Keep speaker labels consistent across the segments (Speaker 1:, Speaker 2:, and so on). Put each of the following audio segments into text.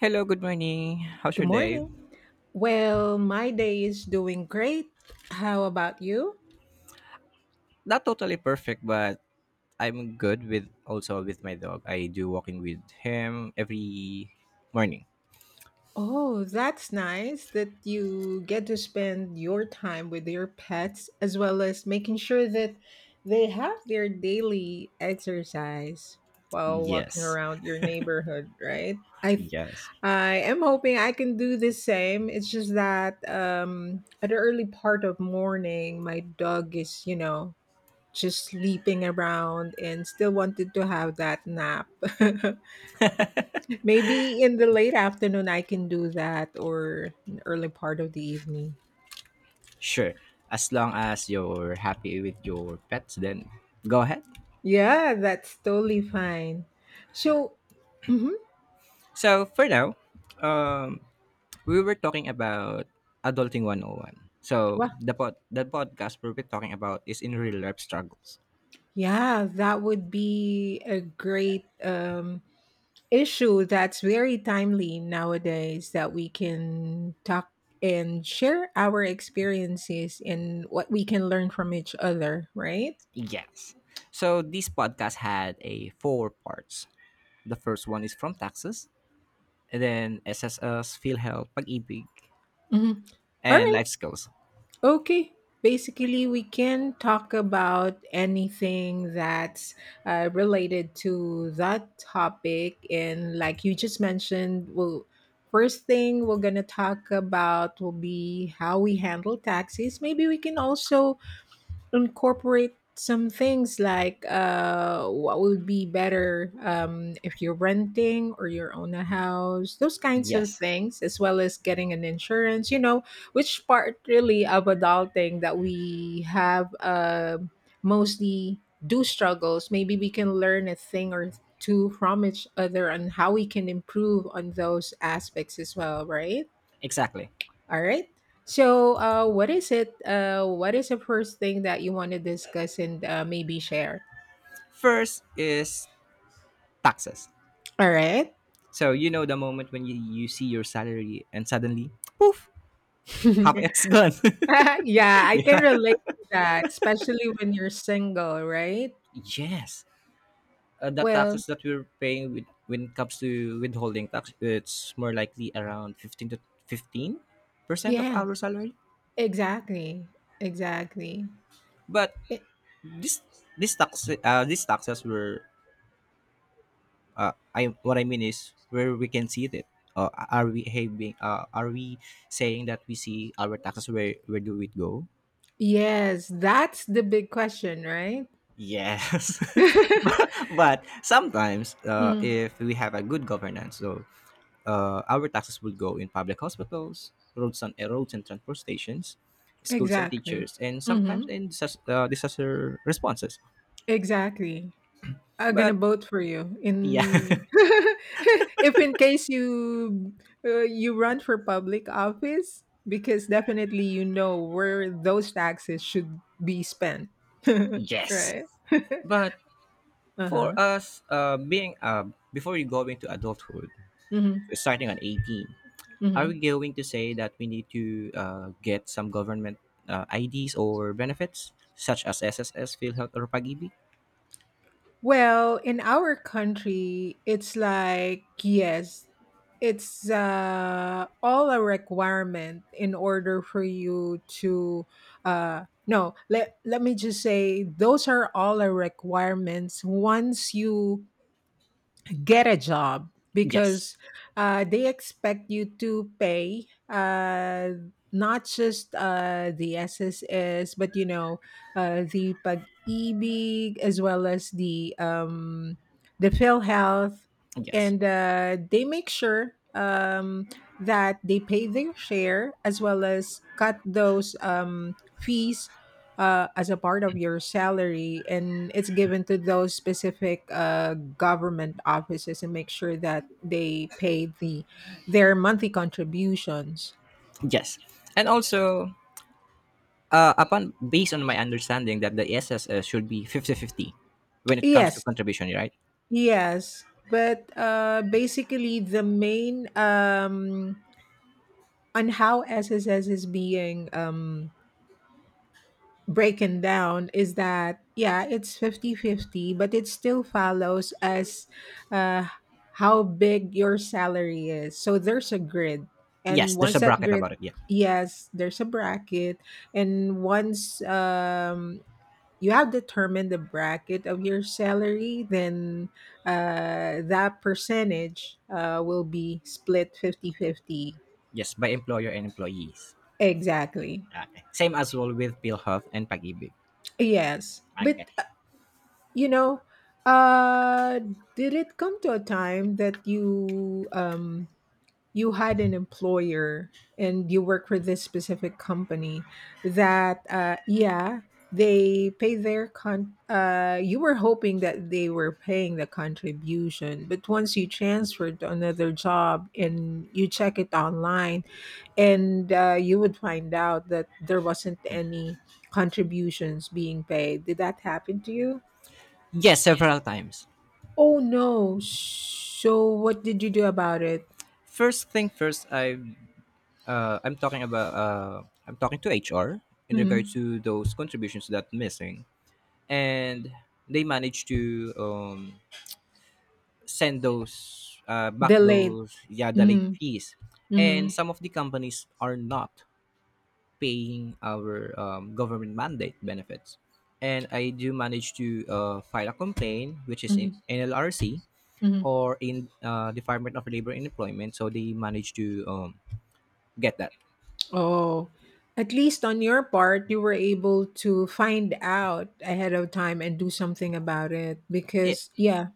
Speaker 1: Hello, good morning. How's
Speaker 2: Good
Speaker 1: your day?
Speaker 2: morning. Well, my day is doing great. How about you?
Speaker 1: Not totally perfect, but I'm good with also with my dog. I do walking with him every morning.
Speaker 2: Oh, that's nice that you get to spend your time with your pets as well as making sure that they have their daily exercise while walking
Speaker 1: Yes.
Speaker 2: around your neighborhood, right? I
Speaker 1: Yes.
Speaker 2: I am hoping I can do the same. It's just that at the early part of morning, my dog is, just sleeping around and still wanted to have that nap. Maybe in the late afternoon I can do that or an early part of the evening.
Speaker 1: Sure. As long as you're happy with your pets, then go ahead.
Speaker 2: Yeah, that's totally fine. So, mhm.
Speaker 1: So, for now, um we were talking about adulting 101. So,
Speaker 2: Well,
Speaker 1: the podcast we're talking about is in real life struggles.
Speaker 2: yeah, that would be a great issue that's very timely nowadays that we can talk and share our experiences and what we can learn from each other, right?
Speaker 1: Yes. So, this podcast had a four parts. The first one is from taxes, and then SSS, PhilHealth, Pag-ibig,
Speaker 2: Mhm. All
Speaker 1: and
Speaker 2: right.
Speaker 1: life skills.
Speaker 2: Okay, basically, we can talk about anything that's related to that topic. And like you just mentioned, first thing we're going to talk about will be how we handle taxes. Maybe we can also incorporate some things like what would be better if you're renting or you own a house, those kinds of
Speaker 1: Yes,
Speaker 2: things, as well as getting an insurance, you know, which part really of adulting that we have mostly do struggles. Maybe we can learn a thing or two from each other on how we can improve on those aspects as well, right?
Speaker 1: exactly.
Speaker 2: All right. So, what is it? What is the first thing that you want to discuss and maybe share?
Speaker 1: First is taxes.
Speaker 2: All right.
Speaker 1: So you know the moment when you see your salary and suddenly, poof, half
Speaker 2: Yeah,
Speaker 1: it's gone.
Speaker 2: I can
Speaker 1: Yeah.
Speaker 2: relate to that, especially when you're single, right?
Speaker 1: Yes. The
Speaker 2: Well,
Speaker 1: taxes that we're paying with, when it comes to withholding tax, it's more likely around fifteen percent of
Speaker 2: yeah,
Speaker 1: our salary.
Speaker 2: exactly. Exactly.
Speaker 1: But
Speaker 2: I-
Speaker 1: this this tax, these taxes were, I what I mean is where we can see it. Are we having? Are we saying that we see our taxes, where do it go?
Speaker 2: Yes, that's the big question, right?
Speaker 1: Yes, but sometimes,
Speaker 2: Mm,
Speaker 1: if we have a good governance, so our taxes will go in public hospitals, roads and roads and transport stations, schools and
Speaker 2: exactly.
Speaker 1: teachers, and sometimes
Speaker 2: Hmm.
Speaker 1: in disaster responses.
Speaker 2: Exactly. I'm gonna
Speaker 1: But
Speaker 2: vote for you
Speaker 1: yeah,
Speaker 2: in if in case you you run for public office because definitely you know where those taxes should be spent,
Speaker 1: yes.
Speaker 2: right?
Speaker 1: But
Speaker 2: Uh huh.
Speaker 1: for us, being before you go into adulthood,
Speaker 2: Mm-hmm.
Speaker 1: starting on 18, are we going to say that we need to get some government IDs or benefits such as SSS, PhilHealth, or Pag-ibig?
Speaker 2: Well, in our country, it's like, yes, it's all a requirement in order for you to, no, let me just say, those are all the requirements once you get a job
Speaker 1: Yes,
Speaker 2: because they expect you to pay not just the SSS, but you know the pag-ibig as well as the PhilHealth,
Speaker 1: yes,
Speaker 2: and they make sure that they pay their share as well as cut those fees as a part of your salary and it's given to those specific government offices and make sure that they pay their monthly contributions.
Speaker 1: yes. And also, upon, based on my understanding, that the SSS should be fifty-fifty when it comes to
Speaker 2: Yes,
Speaker 1: contribution, right?
Speaker 2: yes, but basically the main on how SSS is being breaking down is that yeah, it's 50 50, but it still follows as uh, how big your salary is, so there's a grid and
Speaker 1: Yes, there's
Speaker 2: once
Speaker 1: a
Speaker 2: that
Speaker 1: bracket
Speaker 2: grid—
Speaker 1: about it. Yeah,
Speaker 2: yes, there's a bracket, and once you have determined the bracket of your salary, then that percentage will be split 50 50
Speaker 1: yes, by employer and employees.
Speaker 2: exactly.
Speaker 1: Okay. Same as well with PhilHealth and Pag-ibig.
Speaker 2: Yes, but
Speaker 1: Okay.
Speaker 2: you know, uh, did it come to a time that you you had an employer and you work for this specific company that yeah, they pay their con you were hoping that they were paying the contribution, but once you transferred to another job and you check it online and you would find out that there wasn't any contributions being paid? Did that happen to you?
Speaker 1: Yes, several times.
Speaker 2: Oh no. So what did you do about it?
Speaker 1: First thing first, I'm talking about, I'm talking to HR in regard
Speaker 2: Mhm.
Speaker 1: to those contributions that missing, and they managed to, send those back
Speaker 2: Delayed.
Speaker 1: those yeah the late
Speaker 2: Mhm.
Speaker 1: fees, and
Speaker 2: Mhm.
Speaker 1: some of the companies are not paying our, government mandate benefits, and I do manage to file a complaint which is in
Speaker 2: Mhm.
Speaker 1: NLRC
Speaker 2: Mhm.
Speaker 1: or in, Department of Labor and Employment, so they managed to get that.
Speaker 2: Oh. At least on your part, you were able to find out ahead of time and do something about it
Speaker 1: Eh,
Speaker 2: because yeah.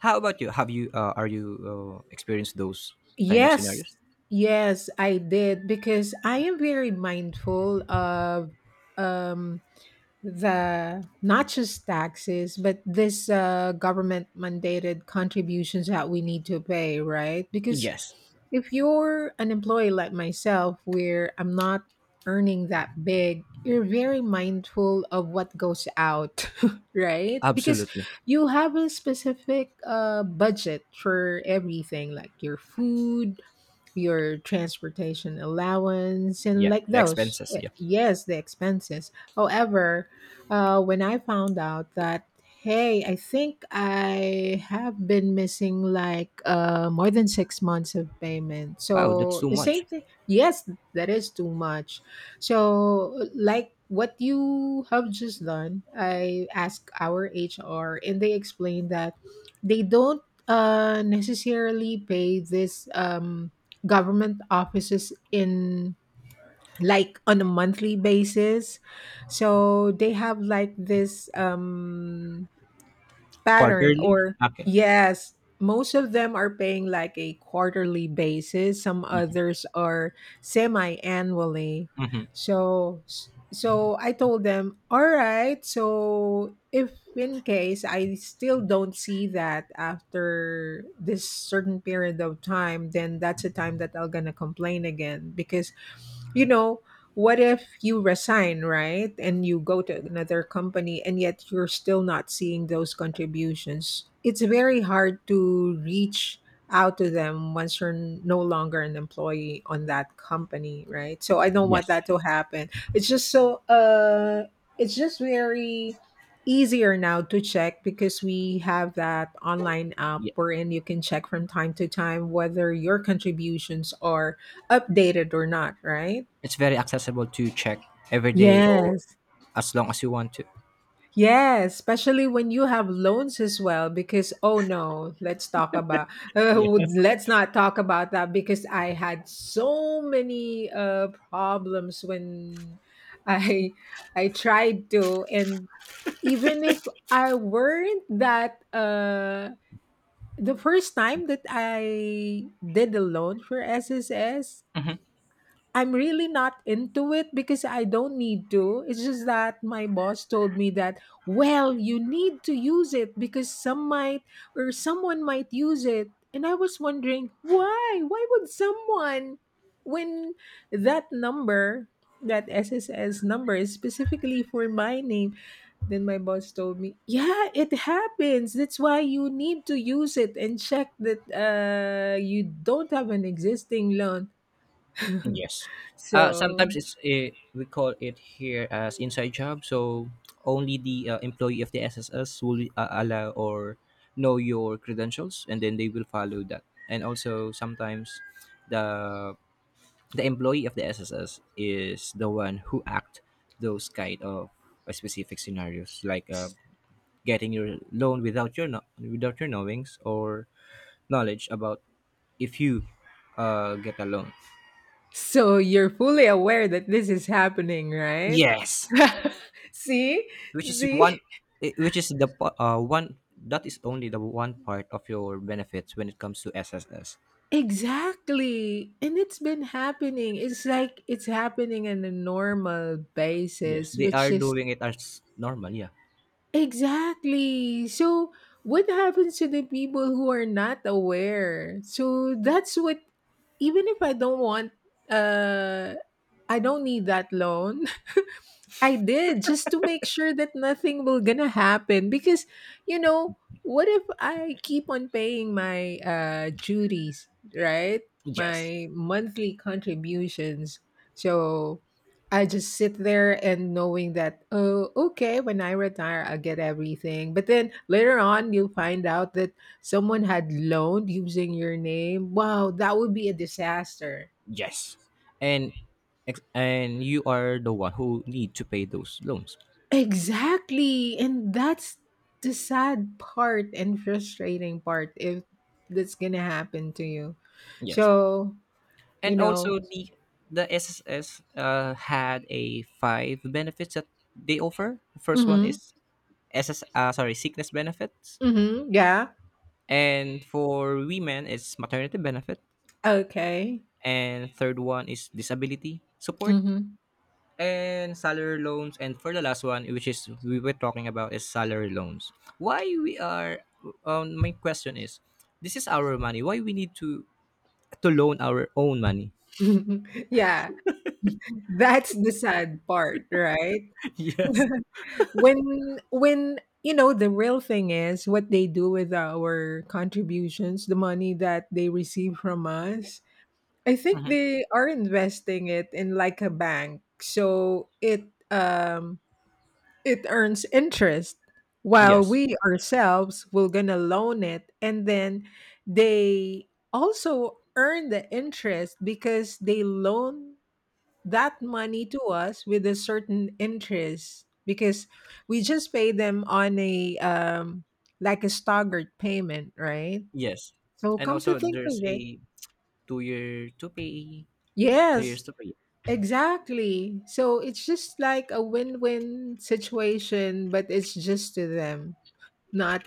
Speaker 1: How about you? Have you, are you experienced those kind of
Speaker 2: Yes.
Speaker 1: scenarios?
Speaker 2: Yes, I did because I am very mindful of um the not just taxes but this government mandated contributions that we need to pay, right? Because
Speaker 1: Yes,
Speaker 2: if you're an employee like myself where I'm not earning that big, you're very mindful of what goes out right? Because
Speaker 1: absolutely.
Speaker 2: you have a specific budget for everything like your food, your transportation allowance and
Speaker 1: Yeah,
Speaker 2: like
Speaker 1: the
Speaker 2: those
Speaker 1: expenses. Yeah.
Speaker 2: yes, the expenses. However, when I found out that, hey, I think I have been missing like more than 6 months of payment,
Speaker 1: Wow, that's
Speaker 2: so
Speaker 1: too
Speaker 2: the same
Speaker 1: much.
Speaker 2: thing, yes, that is too much. So like what you have just done, I asked our HR and they explained that they don't necessarily pay this government offices in like on a monthly basis, so they have like this pattern
Speaker 1: Quarterly.
Speaker 2: or—
Speaker 1: Okay.
Speaker 2: yes, most of them are paying like a quarterly basis, some
Speaker 1: Hmm.
Speaker 2: others are semi annually.
Speaker 1: Hmm.
Speaker 2: So so I told them, all right, so if in case I still don't see that after this certain period of time, then that's a time that I'm gonna complain again, because you know, what if you resign, right? And you go to another company and yet you're still not seeing those contributions. It's very hard to reach out to them once you're no longer an employee on that company, right? So I don't want
Speaker 1: Yes.
Speaker 2: that to happen. It's just so it's just very easier now to check because we have that online app
Speaker 1: Yeah.
Speaker 2: wherein you can check from time to time whether your contributions are updated or not, right?
Speaker 1: It's very accessible to check every day or
Speaker 2: Yes.
Speaker 1: as long as you want to.
Speaker 2: Yes, especially when you have loans as well because oh no, let's talk about
Speaker 1: Yes.
Speaker 2: let's not talk about that because I had so many problems when I I tried to and even if I weren't that the first time that I did a loan for SSS,
Speaker 1: Mhm.
Speaker 2: I'm really not into it because I don't need to. It's just that my boss told me that, well, you need to use it because some might or someone might use it. And I was wondering, why? Why would someone when that number, that SSS number is specifically for my name? Then my boss told me, yeah, it happens. That's why you need to use it and check that you don't have an existing loan.
Speaker 1: Yes.
Speaker 2: So
Speaker 1: Sometimes it's, we call it here as inside job. So only the employee of the SSS will allow or know your credentials, and then they will follow that. And also sometimes the the employee of the SSS is the one who act those kind of specific scenarios, like, getting your loan without your without your knowings or knowledge about if you get a loan.
Speaker 2: So you're fully aware that this is happening, right?
Speaker 1: Yes.
Speaker 2: See?
Speaker 1: Which is
Speaker 2: See?
Speaker 1: one, which is one, that is only the one part of your benefits when it comes to SSS.
Speaker 2: Exactly. And it's been happening. It's like it's happening on a normal
Speaker 1: Yes,
Speaker 2: basis,
Speaker 1: they
Speaker 2: which
Speaker 1: are
Speaker 2: is
Speaker 1: doing it as normal, yeah.
Speaker 2: exactly. So what happens to the people who are not aware? So that's what even if I don't want uh I don't need that loan, I did just to make sure that nothing will gonna happen, because you know, what if I keep on paying my duties, right,
Speaker 1: Yes.
Speaker 2: my monthly contributions, so I just sit there and knowing that, oh okay, when I retire I'll get everything, but then later on you'll find out that someone had loaned using your name. Wow, that would be a disaster.
Speaker 1: Yes. And, and you are the one who need to pay those loans.
Speaker 2: Exactly. And that's the sad part and frustrating part if that's gonna happen to you.
Speaker 1: Yes.
Speaker 2: So, you
Speaker 1: And
Speaker 2: know,
Speaker 1: also the SSS, had a five benefits that they offer. The first one
Speaker 2: mm-hmm,
Speaker 1: is, sickness benefits.
Speaker 2: mm-hmm, yeah,
Speaker 1: And for women it's maternity benefit.
Speaker 2: okay.
Speaker 1: And third one is disability support and salary loans, and for the last one, which is we were talking about, is salary loans. Why we are, my question is, this is our money, why we need to loan our own money?
Speaker 2: Mm-hmm. Yeah, that's the sad part, right?
Speaker 1: Yes.
Speaker 2: When you know the real thing is what they do with our contributions, the money that they receive from us, I think
Speaker 1: Mhm.
Speaker 2: they are investing it in like a bank. So it it earns interest while
Speaker 1: Yes,
Speaker 2: we ourselves will gonna loan it, and then they also earn the interest because they loan that money to us with a certain interest because we just pay them on a like a staggered payment, right?
Speaker 1: yes.
Speaker 2: So
Speaker 1: And
Speaker 2: come to
Speaker 1: also
Speaker 2: think of
Speaker 1: there's
Speaker 2: it,
Speaker 1: a 2 year to pay, three
Speaker 2: yes,
Speaker 1: years to pay.
Speaker 2: exactly. So it's just like a win-win situation, but it's just to them, not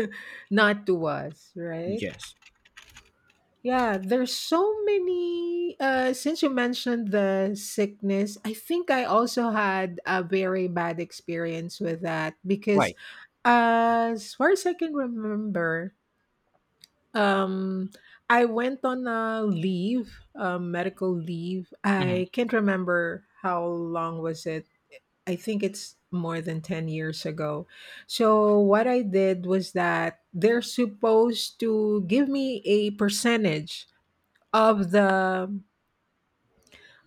Speaker 2: not to us, right?
Speaker 1: Yes,
Speaker 2: Yeah, there's so many since you mentioned the sickness, I think I also had a very bad experience with that because
Speaker 1: why?
Speaker 2: as far as I can remember, um I went on a leave, a medical leave.
Speaker 1: Mm-hmm.
Speaker 2: I can't remember how long was it. I think it's more than 10 years ago. So what I did was that they're supposed to give me a percentage of the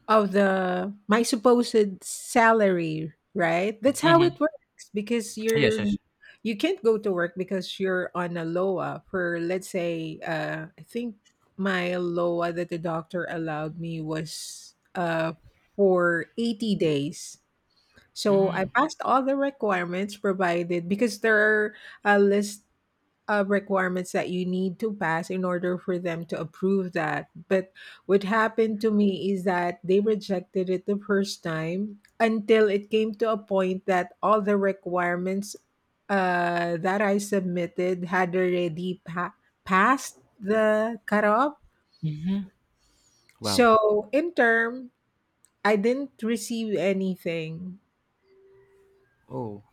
Speaker 2: my supposed salary, right? That's how
Speaker 1: Mm-hmm.
Speaker 2: it works because
Speaker 1: Yes, yes.
Speaker 2: you can't go to work because you're on a LOA for let's say I think my LOA that the doctor allowed me was for 80 days, so I
Speaker 1: Mm.
Speaker 2: passed all the requirements provided because there are a list of requirements that you need to pass in order for them to approve that. But what happened to me is that they rejected it the first time until it came to a point that all the requirements that I submitted had already passed the cutoff.
Speaker 1: Mm-hmm. Wow.
Speaker 2: So in term, I didn't receive anything.
Speaker 1: Oh,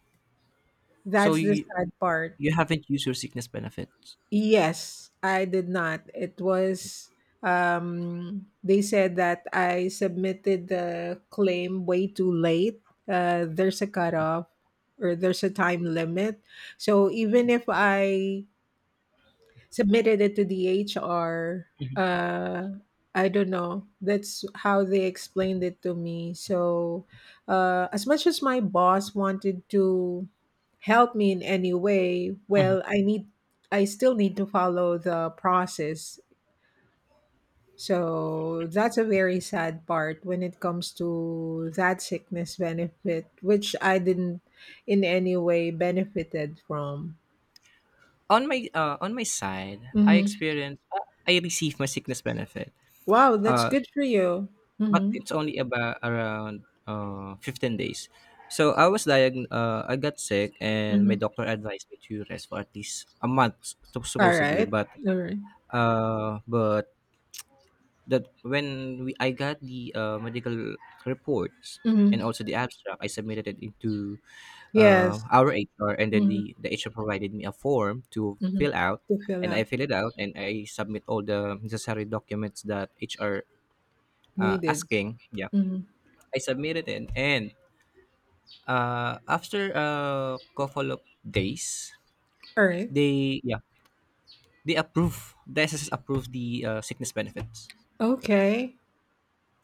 Speaker 1: so
Speaker 2: That's the sad part.
Speaker 1: you haven't used your sickness benefits.
Speaker 2: Yes, I did not. It was they said that I submitted the claim way too late. There's a cutoff or there's a time limit. So even if I submitted it to the HR. Uh, I don't know. That's how they explained it to me. So, as much as my boss wanted to help me in any way,
Speaker 1: Mhm.
Speaker 2: I still need to follow the process. So that's a very sad part when it comes to that sickness benefit, which I didn't in any way benefited from.
Speaker 1: On my, side,
Speaker 2: hmm
Speaker 1: I received my sickness benefit.
Speaker 2: Wow, that's
Speaker 1: Uh,
Speaker 2: good for you.
Speaker 1: but
Speaker 2: Mm-hmm.
Speaker 1: it's only about around, 15 days. So I was, I got sick and my
Speaker 2: Mm-hmm.
Speaker 1: doctor advised me to rest for at least a month, supposedly,
Speaker 2: Alright,
Speaker 1: but,
Speaker 2: alright.
Speaker 1: uh but that when we, I got the medical reports and
Speaker 2: Mhm.
Speaker 1: also the abstract, I submitted it into,
Speaker 2: Yes.
Speaker 1: our HR, and then
Speaker 2: Mhm,
Speaker 1: the HR provided me a form to
Speaker 2: mhm.
Speaker 1: fill out,
Speaker 2: To fill
Speaker 1: and
Speaker 2: out
Speaker 1: I fill it out, and I submit all the necessary documents that HR
Speaker 2: needed.
Speaker 1: asking. Yeah,
Speaker 2: Mhm.
Speaker 1: I submitted it, and, after a couple of days,
Speaker 2: Alright,
Speaker 1: they yeah they approve. The SSS approved the sickness benefits.
Speaker 2: okay.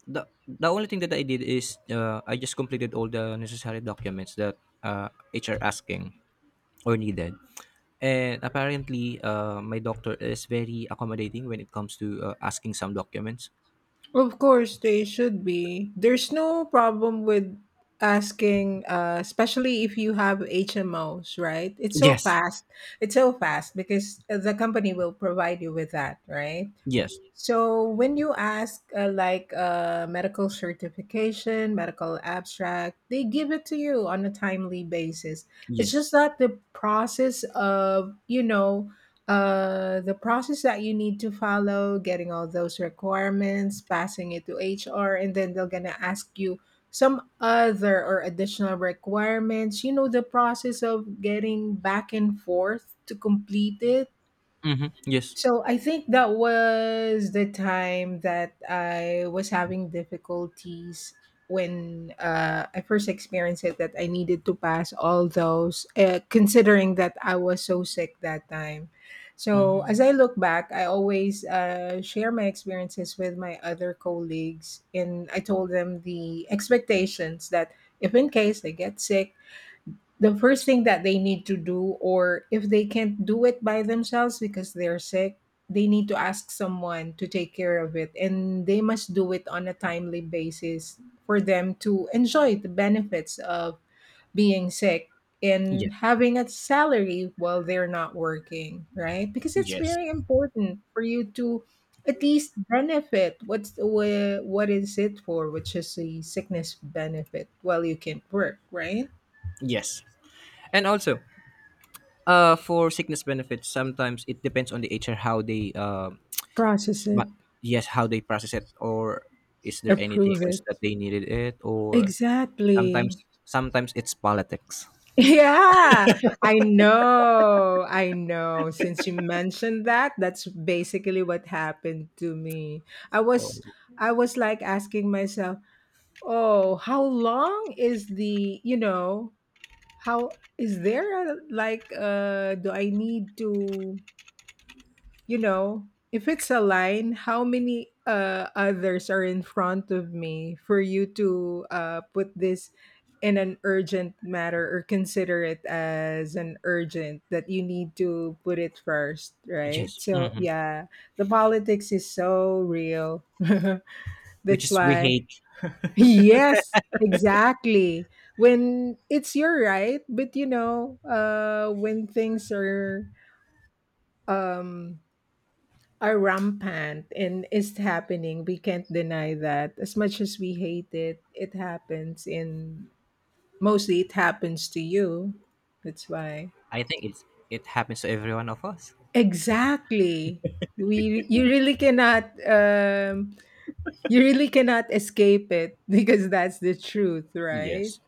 Speaker 1: The only thing that I did is, I just completed all the necessary documents that HR asking or needed. And apparently, my doctor is very accommodating when it comes to asking some documents.
Speaker 2: Of course, they should be. There's no problem with asking, especially if you have HMOs, right? It's so
Speaker 1: Yes,
Speaker 2: fast. It's so fast because the company will provide you with that, right?
Speaker 1: yes,
Speaker 2: So when you ask like a medical certification, medical abstract, they give it to you on a timely basis. It's
Speaker 1: yes,
Speaker 2: just that the process of, you know, the process that you need to follow, getting all those requirements, passing it to HR, and then they're gonna ask you some other or additional requirements. You know, the process of getting back and forth to complete it,
Speaker 1: mm-hmm. Yes,
Speaker 2: so I think that was the time that I was having difficulties when I first experienced it, that I needed to pass all those, considering that I was so sick that time. So
Speaker 1: mm,
Speaker 2: as I look back, I always share my experiences with my other colleagues, and I told them the expectations that if in case I get sick, the first thing that they need to do, or if they can't do it by themselves because they're sick, they need to ask someone to take care of it, and they must do it on a timely basis for them to enjoy the benefits of being sick and
Speaker 1: yes,
Speaker 2: having a salary while they're not working, right? Because it's
Speaker 1: yes,
Speaker 2: very important for you to at least benefit what is it for, which is the sickness benefit while you can't work, right?
Speaker 1: yes. And also, for sickness benefits, sometimes it depends on the HR how they,
Speaker 2: Process it.
Speaker 1: ma- yes, how they process it, or is there anything
Speaker 2: Approve
Speaker 1: else
Speaker 2: it.
Speaker 1: that they needed it, or.
Speaker 2: Exactly.
Speaker 1: Sometimes sometimes it's politics.
Speaker 2: Yeah, I know. I know. Since you mentioned that, that's basically what happened to me. I was
Speaker 1: Oh,
Speaker 2: I was like asking myself, "Oh, how long is the, you know, how is there a, like do I need to, you know, if it's a line, how many others are in front of me for you to put this in an urgent matter or consider it as an urgent that you need to put it first, right?"
Speaker 1: yes.
Speaker 2: So,
Speaker 1: Mhm.
Speaker 2: yeah, the politics is so real.
Speaker 1: Which
Speaker 2: That's
Speaker 1: is we
Speaker 2: why,
Speaker 1: hate.
Speaker 2: yes, exactly. When it's your right, but you know, when things um are rampant and it's happening. We can't deny that. As much as we hate it, it happens, and mostly it happens to you. That's why.
Speaker 1: I think it happens to every one of us.
Speaker 2: Exactly. We You really cannot you really cannot escape it because that's the truth, right?
Speaker 1: Yes.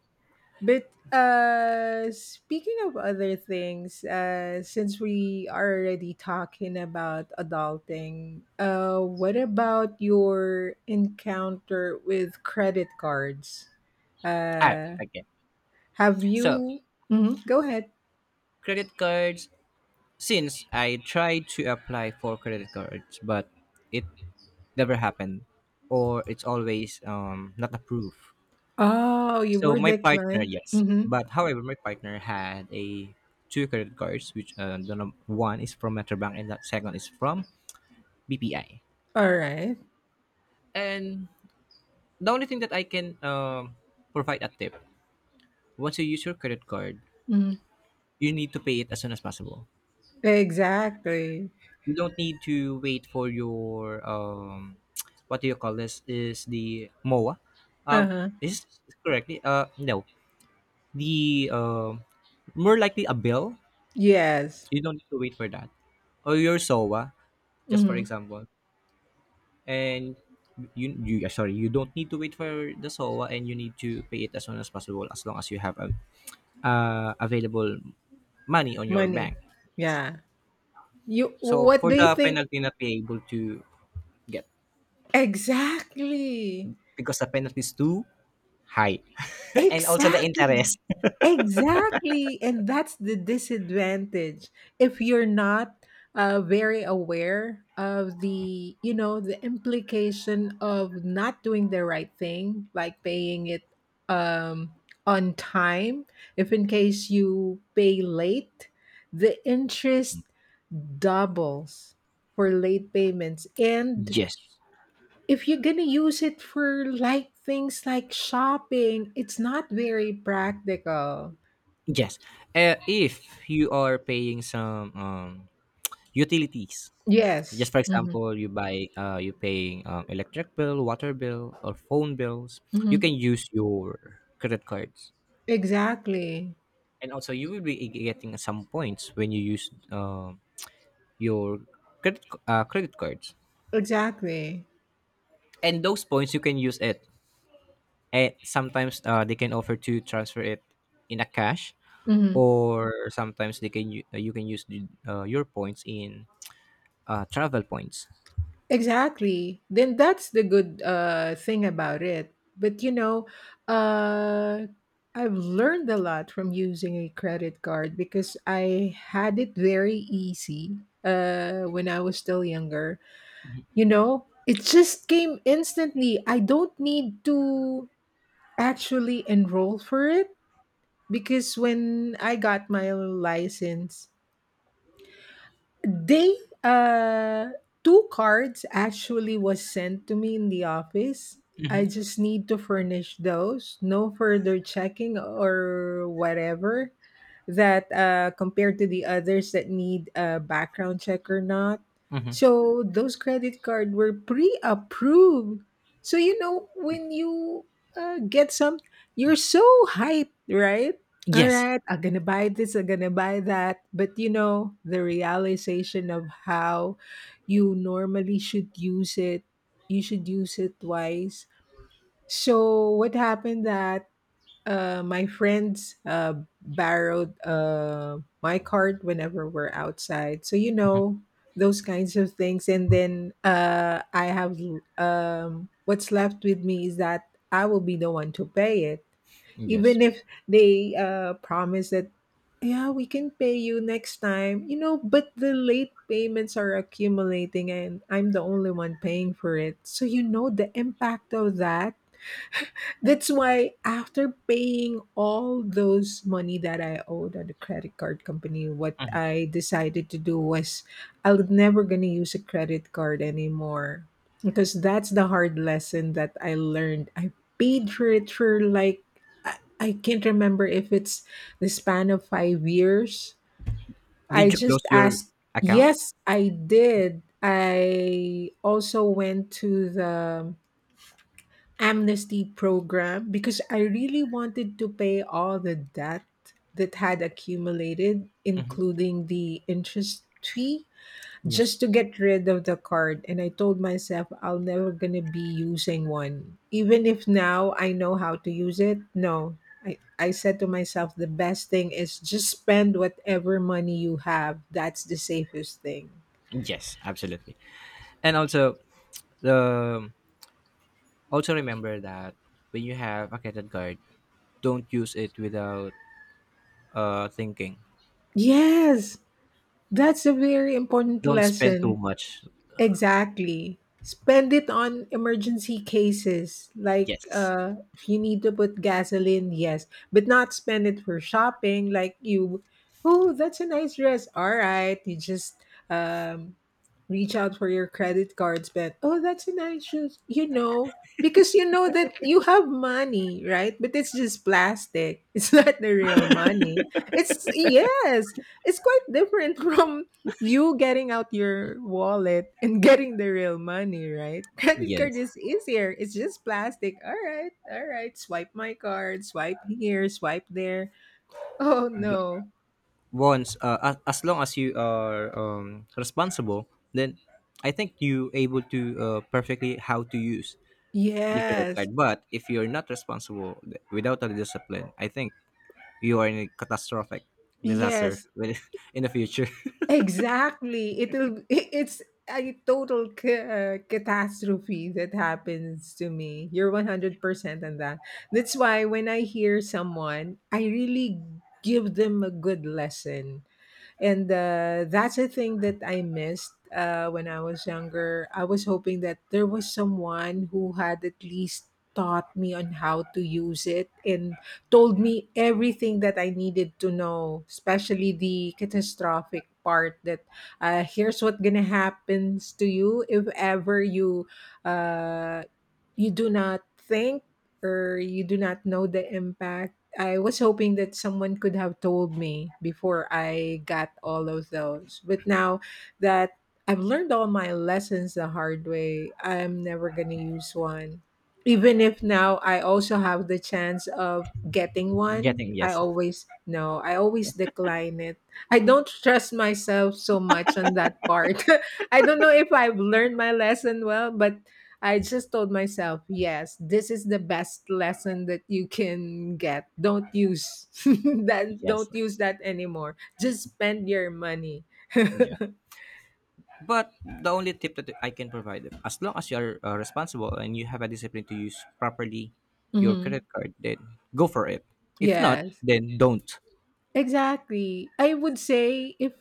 Speaker 2: But speaking of other things, since we are already talking about adulting, what about your encounter with credit cards?
Speaker 1: Ah,
Speaker 2: Uh
Speaker 1: okay.
Speaker 2: have
Speaker 1: So
Speaker 2: you Mhm, go ahead.
Speaker 1: credit cards. Since I tried to apply for credit cards, but it never happened, or it's always, not approved.
Speaker 2: Oh, you
Speaker 1: So
Speaker 2: were
Speaker 1: my partner,
Speaker 2: declined.
Speaker 1: yes,
Speaker 2: Mm-hmm.
Speaker 1: but however, my partner had a two credit cards, which, one is from Metrobank and that second is from BPI,
Speaker 2: All right.
Speaker 1: and the only thing that I can, provide a tip, once you use your credit card,
Speaker 2: Mhm.
Speaker 1: you need to pay it as soon as possible.
Speaker 2: Exactly.
Speaker 1: You don't need to wait for your, what do you call this? Is the MOA? Um,
Speaker 2: Uh-huh.
Speaker 1: is this correctly? No, the, more likely a bill.
Speaker 2: Yes.
Speaker 1: You don't need to wait for that, or your SOA, just for
Speaker 2: Mm-hmm.
Speaker 1: example, and. You don't need to wait for the SOA, and you need to pay it as soon as possible as long as you have a available money on your
Speaker 2: Money.
Speaker 1: bank.
Speaker 2: Yeah. You
Speaker 1: So
Speaker 2: what
Speaker 1: for
Speaker 2: do you
Speaker 1: the
Speaker 2: think
Speaker 1: penalty not be able to get,
Speaker 2: exactly?
Speaker 1: because the penalty is too high, and also the
Speaker 2: Exactly.
Speaker 1: interest.
Speaker 2: Exactly. And that's the disadvantage. If you're not very aware of the, you know, the implication of not doing the right thing, like paying it um, on time, if in case you pay late, the interest doubles for late payments. And
Speaker 1: Yes,
Speaker 2: if you're gonna use it for like things like shopping, it's not very practical.
Speaker 1: yes. If you are paying some, utilities,
Speaker 2: Yes.
Speaker 1: just for example, you buy, you paying, electric bill, water bill, or phone bills,
Speaker 2: Hmm
Speaker 1: you can use your credit cards,
Speaker 2: Exactly.
Speaker 1: and also you will be getting some points when you use, your, credit cards,
Speaker 2: Exactly.
Speaker 1: and those points you can use it, and sometimes they can offer to transfer it in a cash,
Speaker 2: hmm
Speaker 1: or sometimes they can, you can use the, your points in travel points.
Speaker 2: Exactly. Then that's the good thing about it. But you know, uh, I've learned a lot from using a credit card because I had it very easy when I was still younger. You know, it just came instantly. I don't need to actually enroll for it because when I got my license, they uh two cards actually was sent to me in the office.
Speaker 1: Mm-hmm.
Speaker 2: I just need to furnish those. No further checking or whatever that compared to the others that need a background check or not.
Speaker 1: Mm-hmm.
Speaker 2: So those credit card were pre-approved. So you know when you get some, you're so hyped, right? All
Speaker 1: Yes.
Speaker 2: right, I'm gonna buy this, I'm gonna buy that. But you know the realization of how you normally should use it. You should use it twice. So what happened that my friends borrowed my card whenever we're outside. So, you
Speaker 1: Mhm.
Speaker 2: know, those kinds of things. And then I have what's left with me is that I will be the one to pay it.
Speaker 1: Yes.
Speaker 2: Even if they promise that, yeah, we can pay you next time, you know, but the late payments are accumulating and I'm the only one paying for it. So, you know, the impact of that, that's why after paying all those money that I owed on the credit card company, what
Speaker 1: Mhm.
Speaker 2: I decided to do was I was never gonna use a credit card anymore. Because that's the hard lesson that I learned. I paid for it for like I can't remember if it's the span of 5 years. I
Speaker 1: Did you
Speaker 2: just
Speaker 1: close your
Speaker 2: asked
Speaker 1: account?
Speaker 2: yes, I did. I also went to the amnesty program because I really wanted to pay all the debt that had accumulated,
Speaker 1: Mm-hmm.
Speaker 2: including the interest fee,
Speaker 1: Yes.
Speaker 2: just to get rid of the card. And I told myself I'll never gonna be using one. Even if now I know how to use it, no. I said to myself the best thing is just spend whatever money you have. That's the safest thing.
Speaker 1: Yes, absolutely. And also, um, also remember that when you have a credit card, don't use it without thinking.
Speaker 2: Yes, that's a very important
Speaker 1: Don't spend too
Speaker 2: lesson.
Speaker 1: much.
Speaker 2: Exactly. Spend it on emergency cases. Like
Speaker 1: Yes.
Speaker 2: if you need to put gasoline, yes. But not spend it for shopping. Like you, oh, that's a nice dress. All right. You just um reach out for your credit cards, spend. Oh, that's a nice shoes. You know, because you know that you have money, right? But it's just plastic. It's not the real money. It's yes, it's quite different from you getting out your wallet and getting the real money, right? Credit card
Speaker 1: Yes.
Speaker 2: is easier. It's just plastic. All right, all right. Swipe my card, swipe here, swipe there. Oh
Speaker 1: But
Speaker 2: no.
Speaker 1: once, as long as you are, responsible, then I think you able to perfectly how to use the credit
Speaker 2: Yes.
Speaker 1: card. But if you're not responsible, without a discipline, I think you are in a catastrophic disaster
Speaker 2: Yes.
Speaker 1: in the future.
Speaker 2: Exactly. It'll I it's a total ca catastrophe that happens to me. You're 100% on that. That's why when I hear someone, I really give them a good lesson, and that's a thing that I missed when I was younger. I was hoping that there was someone who had at least taught me on how to use it and told me everything that I needed to know, especially the catastrophic part, that here's what gonna happens to you if ever you, uh, you do not think or you do not know the impact. I was hoping that someone could have told me before I got all of those. But now that I've learned all my lessons the hard way, I'm never going to use one. Even if now I also have the chance of getting one,
Speaker 1: Getting,
Speaker 2: I
Speaker 1: yes.
Speaker 2: always no, I always decline it. I don't trust myself so much on that part. I don't know if I've learned my lesson well, but I just told myself, yes, this is the best lesson that you can get. Don't use that. Don't
Speaker 1: Yes.
Speaker 2: use that anymore. Just spend your money.
Speaker 1: Yes. But the only tip that I can provide, as long as you are responsible and you have a discipline to use properly your credit
Speaker 2: hmm
Speaker 1: card, then go for it. If not,
Speaker 2: Yes,
Speaker 1: then don't.
Speaker 2: exactly. I would say if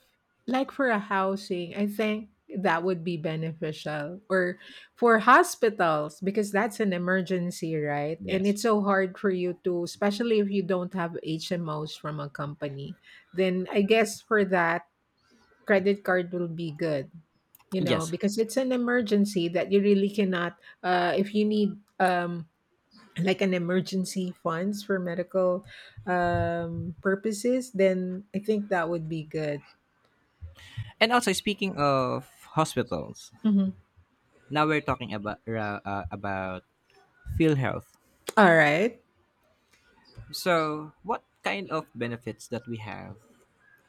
Speaker 2: like for a housing, I think that would be beneficial, or for hospitals because that's an emergency, right? And
Speaker 1: Yes.
Speaker 2: it's so hard for you to, especially if you don't have HMOs from a company. Then I guess for that credit card will be good, you know,
Speaker 1: Yes.
Speaker 2: because it's an emergency that you really cannot. If you need like an emergency funds for medical purposes, then I think that would be good.
Speaker 1: And also speaking of hospitals,
Speaker 2: Mhm.
Speaker 1: now we're talking about, about field health.
Speaker 2: All right,
Speaker 1: So, what kind of benefits that we have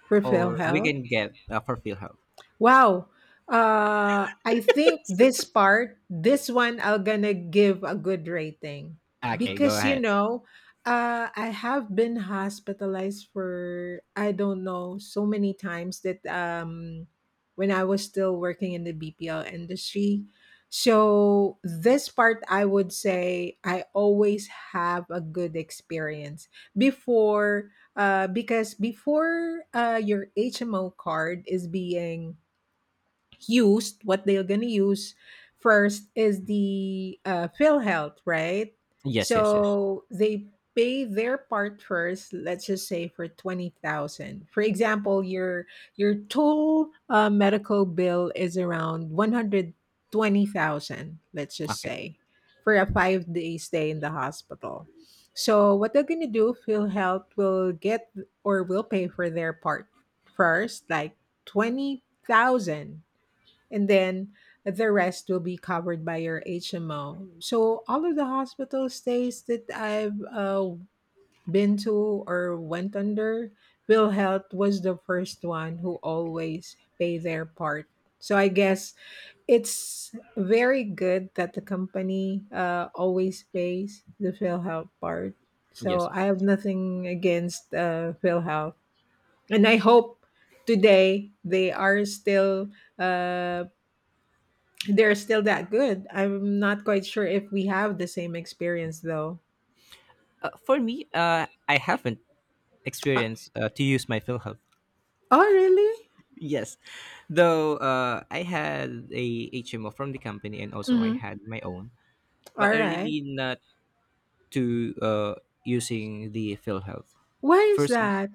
Speaker 2: for
Speaker 1: or we
Speaker 2: PhilHealth.
Speaker 1: can get for field health?
Speaker 2: Wow. I think this part, this one, I'm gonna give a good rating
Speaker 1: Okay, go
Speaker 2: because you
Speaker 1: ahead.
Speaker 2: know, I have been hospitalized for I don't know so many times that when I was still working in the BPL industry. So this part, I would say I always have a good experience before, because before your HMO card is being used, what they're going to use first is the fill health, right?
Speaker 1: Yes, yes, yes.
Speaker 2: So they pay their part first, let's just say for 20,000, for example. Your total medical bill is around 120,000, let's just
Speaker 1: Okay.
Speaker 2: say, for a 5 day stay in the hospital. So what they're going to do, fill health will get or will pay for their part first, like 20,000, and then the rest will be covered by your HMO. So all of the hospital stays that I've been to or went under, Will Health was the first one who always pay their part. So I guess it's very good that the company always pays the PhilHealth part. So
Speaker 1: Yes.
Speaker 2: I have nothing against PhilHealth, and I hope today they are still uh, they're still that good. I'm not quite sure if we have the same experience though.
Speaker 1: For me, I haven't
Speaker 2: Uh,
Speaker 1: experience to use my PhilHealth.
Speaker 2: oh, really?
Speaker 1: Yes, though I had a HMO from the company and also I
Speaker 2: Mm-hmm.
Speaker 1: had my own, but
Speaker 2: All
Speaker 1: I
Speaker 2: right.
Speaker 1: really not to using the PhilHealth.
Speaker 2: Why is
Speaker 1: First,
Speaker 2: that?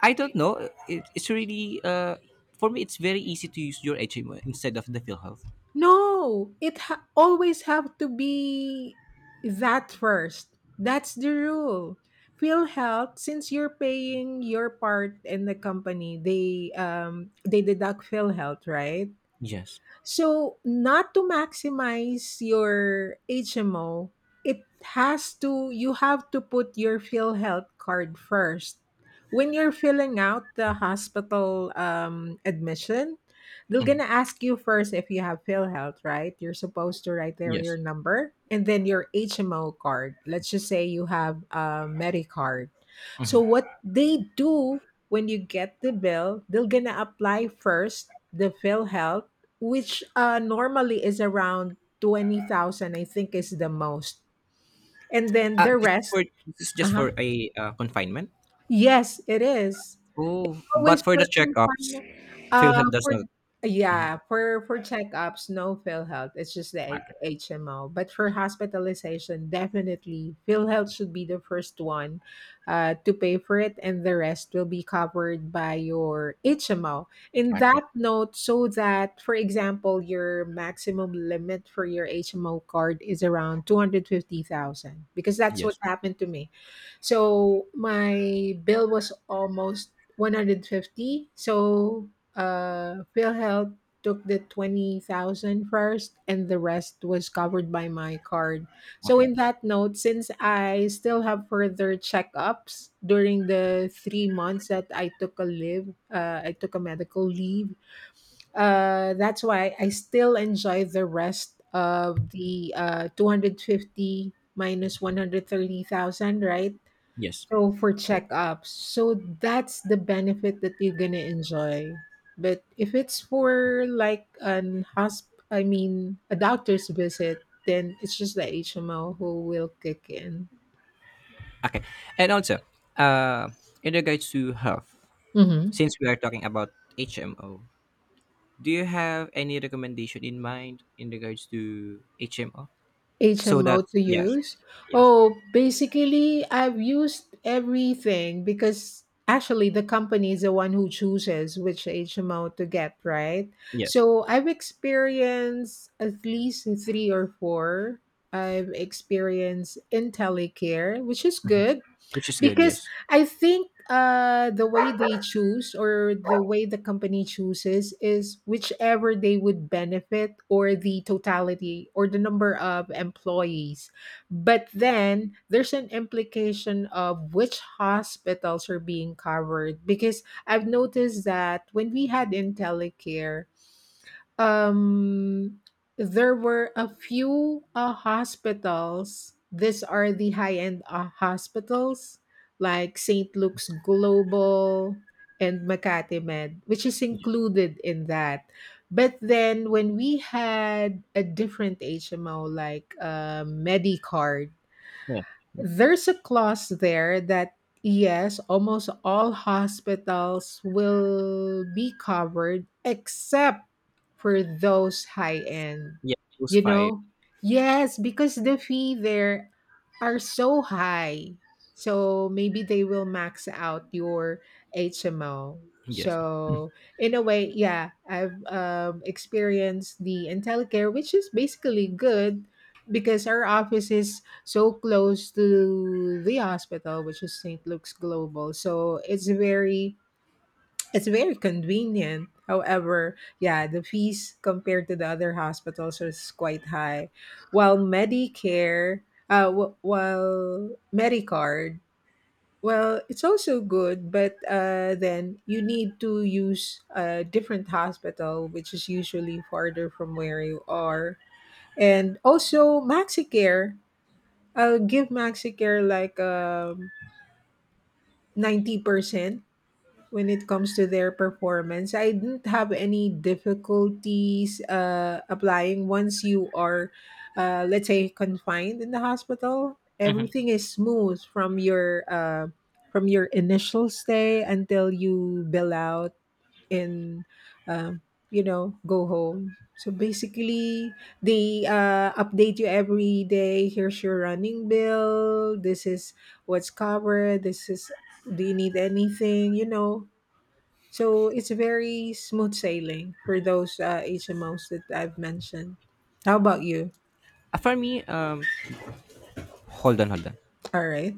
Speaker 1: I don't know. It's really, for me, it's very easy to use your HMO instead of the PhilHealth.
Speaker 2: No, always have to be that first. That's the rule. Feel health since you're paying your part in the company, they deduct Phil health, right?
Speaker 1: Yes.
Speaker 2: So, not to maximize your HMO, it has to you have to put your PhilHealth card first. When you're filling out the hospital admission, they're
Speaker 1: Mhm.
Speaker 2: gonna ask you first if you have PhilHealth, right? You're supposed to write there your
Speaker 1: Yes.
Speaker 2: number and then your HMO card. Let's just say you have a MediCard. So
Speaker 1: Mhm.
Speaker 2: what they do when you get the bill, they're gonna apply first the PhilHealth which normally is around 20,000, I think is the most. And then the
Speaker 1: This is
Speaker 2: rest,
Speaker 1: for, this is just for
Speaker 2: uh-huh.
Speaker 1: a confinement.
Speaker 2: Yes, it is
Speaker 1: Oh,
Speaker 2: always
Speaker 1: but for the
Speaker 2: for
Speaker 1: checkups,
Speaker 2: confinement.
Speaker 1: PhilHealth does
Speaker 2: For
Speaker 1: not. Mhm.
Speaker 2: Yeah, for checkups, no Phil Health. It's just the
Speaker 1: Okay.
Speaker 2: HMO. But for hospitalization, definitely Phil Health should be the first one to pay for it, and the rest will be covered by your HMO. In that note, so that for example, your maximum limit for your HMO card is around 250,000, because that's what
Speaker 1: Yes.
Speaker 2: happened to me. So my bill was almost 150, so PhilHealth took the 20,000 first, and the rest was covered by my card. So
Speaker 1: Okay.
Speaker 2: in that note, since I still have further checkups during the 3 months that I took a medical leave. That's why I still enjoy the rest of the 250 minus 130,000, right?
Speaker 1: Yes.
Speaker 2: So for checkups, so that's the benefit that you're gonna enjoy. But if it's for like I mean a doctor's visit, then it's just the HMO who will kick in.
Speaker 1: Okay. And also, uh, in regards to health,
Speaker 2: Mhm.
Speaker 1: since we are talking about HMO, do you have any recommendation in mind in regards to HMO? So
Speaker 2: HMO
Speaker 1: that,
Speaker 2: to
Speaker 1: yes,
Speaker 2: use?
Speaker 1: yes,
Speaker 2: Oh, basically, I've used everything because actually the company is the one who chooses which HMO to get, right?
Speaker 1: yes,
Speaker 2: So I've experienced at least three or four. I've experienced IntelliCare, which is good
Speaker 1: which is good.
Speaker 2: because
Speaker 1: Yes,
Speaker 2: I think the way they choose or the way the company chooses is whichever they would benefit or the totality or the number of employees, but then there's an implication of which hospitals are being covered because I've noticed that when we had IntelliCare. Um, there were a few hospitals. These are the high end hospitals like St. Luke's Global and Makati Med, which is
Speaker 1: yes,
Speaker 2: included in that. But then when we had a different HMO like MediCard,
Speaker 1: yeah,
Speaker 2: there's a clause there that yes, almost all hospitals will be covered except for those high end.
Speaker 1: yeah. Those
Speaker 2: You
Speaker 1: five.
Speaker 2: know? Yes, because the fee there are so high. So maybe they will max out your HMO.
Speaker 1: Yes.
Speaker 2: So in a way, yeah, I've experienced the IntelliCare, which is basically good because our office is so close to the hospital, which is St. Luke's Global. So it's very convenient. However, yeah, the fees compared to the other hospitals is quite high. While Medicare, while Medicard, well, it's also good, but then you need to use a different hospital, which is usually farther from where you are. And also, Maxicare I'll give Maxicare like 90% when it comes to their performance. I didn't have any difficulties applying once you are, let's say, confined in the hospital.
Speaker 1: Hmm.
Speaker 2: Everything is smooth from your initial stay until you bill out and um, go home. So basically they update you every day. Here's your running bill. This is what's covered. This is Do you need anything? So it's very smooth sailing for those HMOs that I've mentioned. How about you?
Speaker 1: For me, hold on, hold on.
Speaker 2: All right.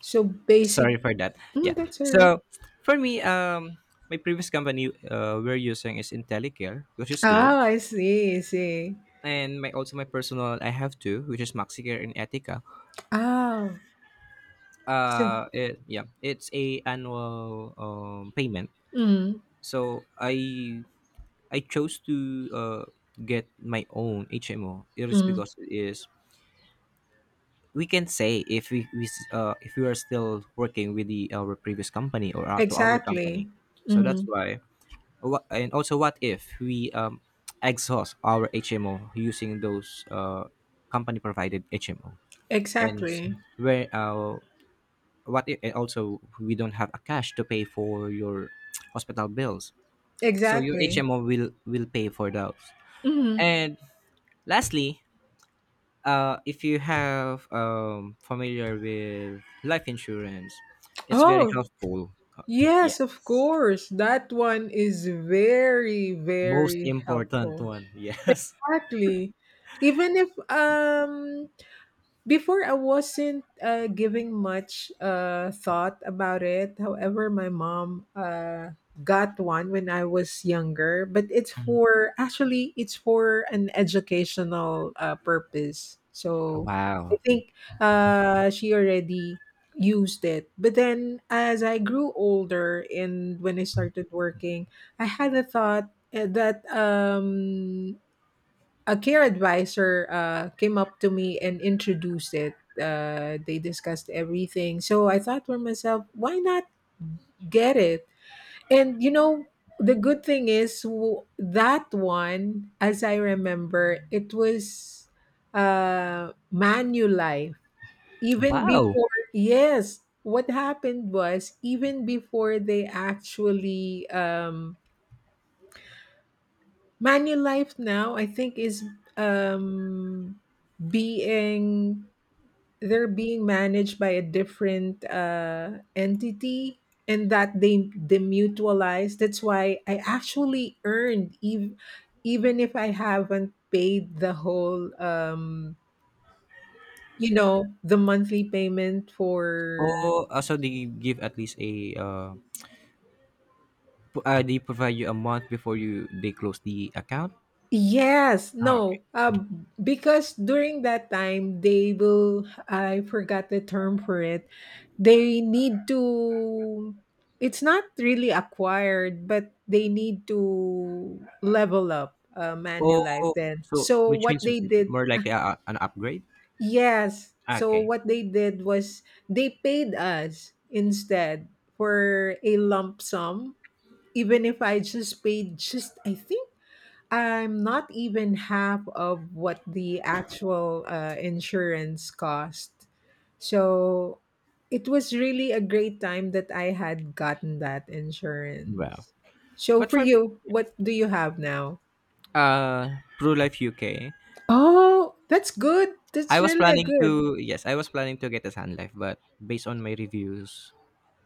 Speaker 2: so basic
Speaker 1: Sorry for that. Yeah.
Speaker 2: That's all right.
Speaker 1: So for me, my previous company, we're using is IntelliCare, which is good.
Speaker 2: Oh, I see, I see.
Speaker 1: And my, also my personal, I have two, which is Maxicare and Etica.
Speaker 2: Oh, so.
Speaker 1: It's a annual payment.
Speaker 2: mm,
Speaker 1: So I chose to uh, get my own HMO. It is
Speaker 2: mm,
Speaker 1: because it is, we can say, if, if we are still working with the our previous company, or our, to our
Speaker 2: exactly.
Speaker 1: company. So that's
Speaker 2: Mm-hmm.
Speaker 1: why. And also, what if we, exhaust our HMO using those company provided HMO? And s-
Speaker 2: Exactly.
Speaker 1: where, what if, and also we don't have a cash to pay for your hospital bills, so your
Speaker 2: Exactly.
Speaker 1: HMO will pay for those.
Speaker 2: Mhm.
Speaker 1: And lastly, if you have, familiar with life insurance, it's very
Speaker 2: Oh,
Speaker 1: helpful.
Speaker 2: yes, of
Speaker 1: Yes,
Speaker 2: course. That one is very,
Speaker 1: most
Speaker 2: very
Speaker 1: important
Speaker 2: helpful.
Speaker 1: one. Yes.
Speaker 2: Exactly. Even if Before, I wasn't giving much thought about it. However, my mom got one when I was younger, but it's for actually it's for an educational purpose. So I
Speaker 1: Wow.
Speaker 2: think she already used it. But then as I grew older and when I started working, I had a thought that a care advisor came up to me and introduced it. They discussed everything. So I thought for myself, why not get it? And the good thing is that one, as I remember, it was Manulife. Even
Speaker 1: Wow.
Speaker 2: before, yes, what happened was even before they actually Manulife now, I think, is um, being they're being managed by a different entity, and that they demutualized. That's why I actually earned even if I haven't paid the whole, the monthly payment for.
Speaker 1: Oh, so they give at least a, they provide you a month before you they close the account.
Speaker 2: Yes,
Speaker 1: Ah, okay.
Speaker 2: no, because during that time they will, I forgot the term for it, they need to, it's not really acquired, but they need to level up
Speaker 1: Oh, oh,
Speaker 2: Manulife
Speaker 1: oh.
Speaker 2: then.
Speaker 1: So
Speaker 2: So
Speaker 1: which
Speaker 2: what
Speaker 1: means
Speaker 2: they did,
Speaker 1: more like a, an upgrade?
Speaker 2: yes,
Speaker 1: Ah,
Speaker 2: so
Speaker 1: okay.
Speaker 2: what they did was they paid us instead for a lump sum, even if I just paid I think I'm not even half of what the actual insurance cost. So it was really a great time that I had gotten that
Speaker 1: Wow.
Speaker 2: insurance. So
Speaker 1: But
Speaker 2: for
Speaker 1: for me,
Speaker 2: you, what do you have now?
Speaker 1: Pro Life UK,
Speaker 2: Oh, that's good. That's
Speaker 1: I was
Speaker 2: really a
Speaker 1: planning
Speaker 2: good.
Speaker 1: to, yes, I was planning to get a Sun Life, but based on my reviews,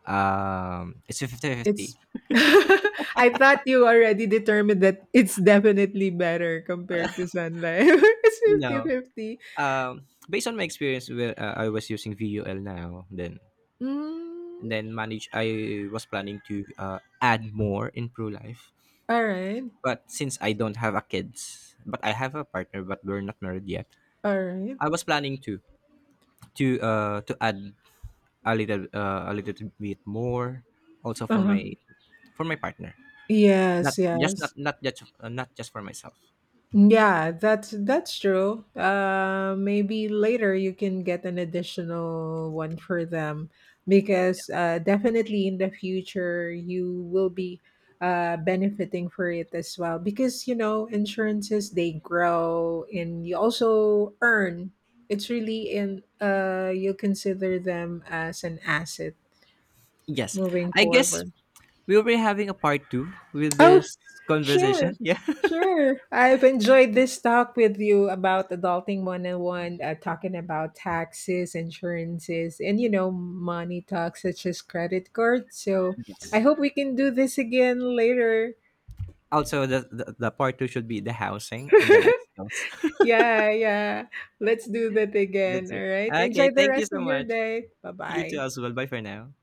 Speaker 1: it's a 50 fifty.
Speaker 2: It's I thought you already determined that it's definitely better compared to Sun Life. It's fifty-fifty.
Speaker 1: No.
Speaker 2: 50.
Speaker 1: Based on my experience where, I was using VUL now, then
Speaker 2: Mm,
Speaker 1: then manage I was planning to add more in Pro Life.
Speaker 2: all right.
Speaker 1: But since I don't have a kids, but I have a partner but we're not married yet.
Speaker 2: All right.
Speaker 1: I was planning to, to add a, little a little bit more, also for
Speaker 2: Uh-huh.
Speaker 1: my, for my partner, not
Speaker 2: Yes,
Speaker 1: just,
Speaker 2: yes.
Speaker 1: not just for myself.
Speaker 2: Yeah, that's true. Maybe later you can get an additional one for them because definitely in the future you will be benefiting for it as well because insurances they grow and you also earn. It's really in you consider them as an asset
Speaker 1: Yes,
Speaker 2: moving
Speaker 1: I guess
Speaker 2: forward.
Speaker 1: we'll be having a part two with
Speaker 2: Oh,
Speaker 1: this
Speaker 2: sure.
Speaker 1: conversation. Yeah.
Speaker 2: Sure. I've enjoyed this talk with you about adulting 101, talking about taxes, insurances, and money talks such as credit cards. So I
Speaker 1: Yes,
Speaker 2: hope we can do this again later.
Speaker 1: also the part two should be the housing and the life skills.
Speaker 2: Yeah, yeah. Let's do that
Speaker 1: That's
Speaker 2: again.
Speaker 1: it.
Speaker 2: All right.
Speaker 1: Okay,
Speaker 2: Enjoy the
Speaker 1: thank you
Speaker 2: rest
Speaker 1: so
Speaker 2: of your
Speaker 1: much.
Speaker 2: day. Bye
Speaker 1: You too
Speaker 2: bye.
Speaker 1: as well. Bye for now.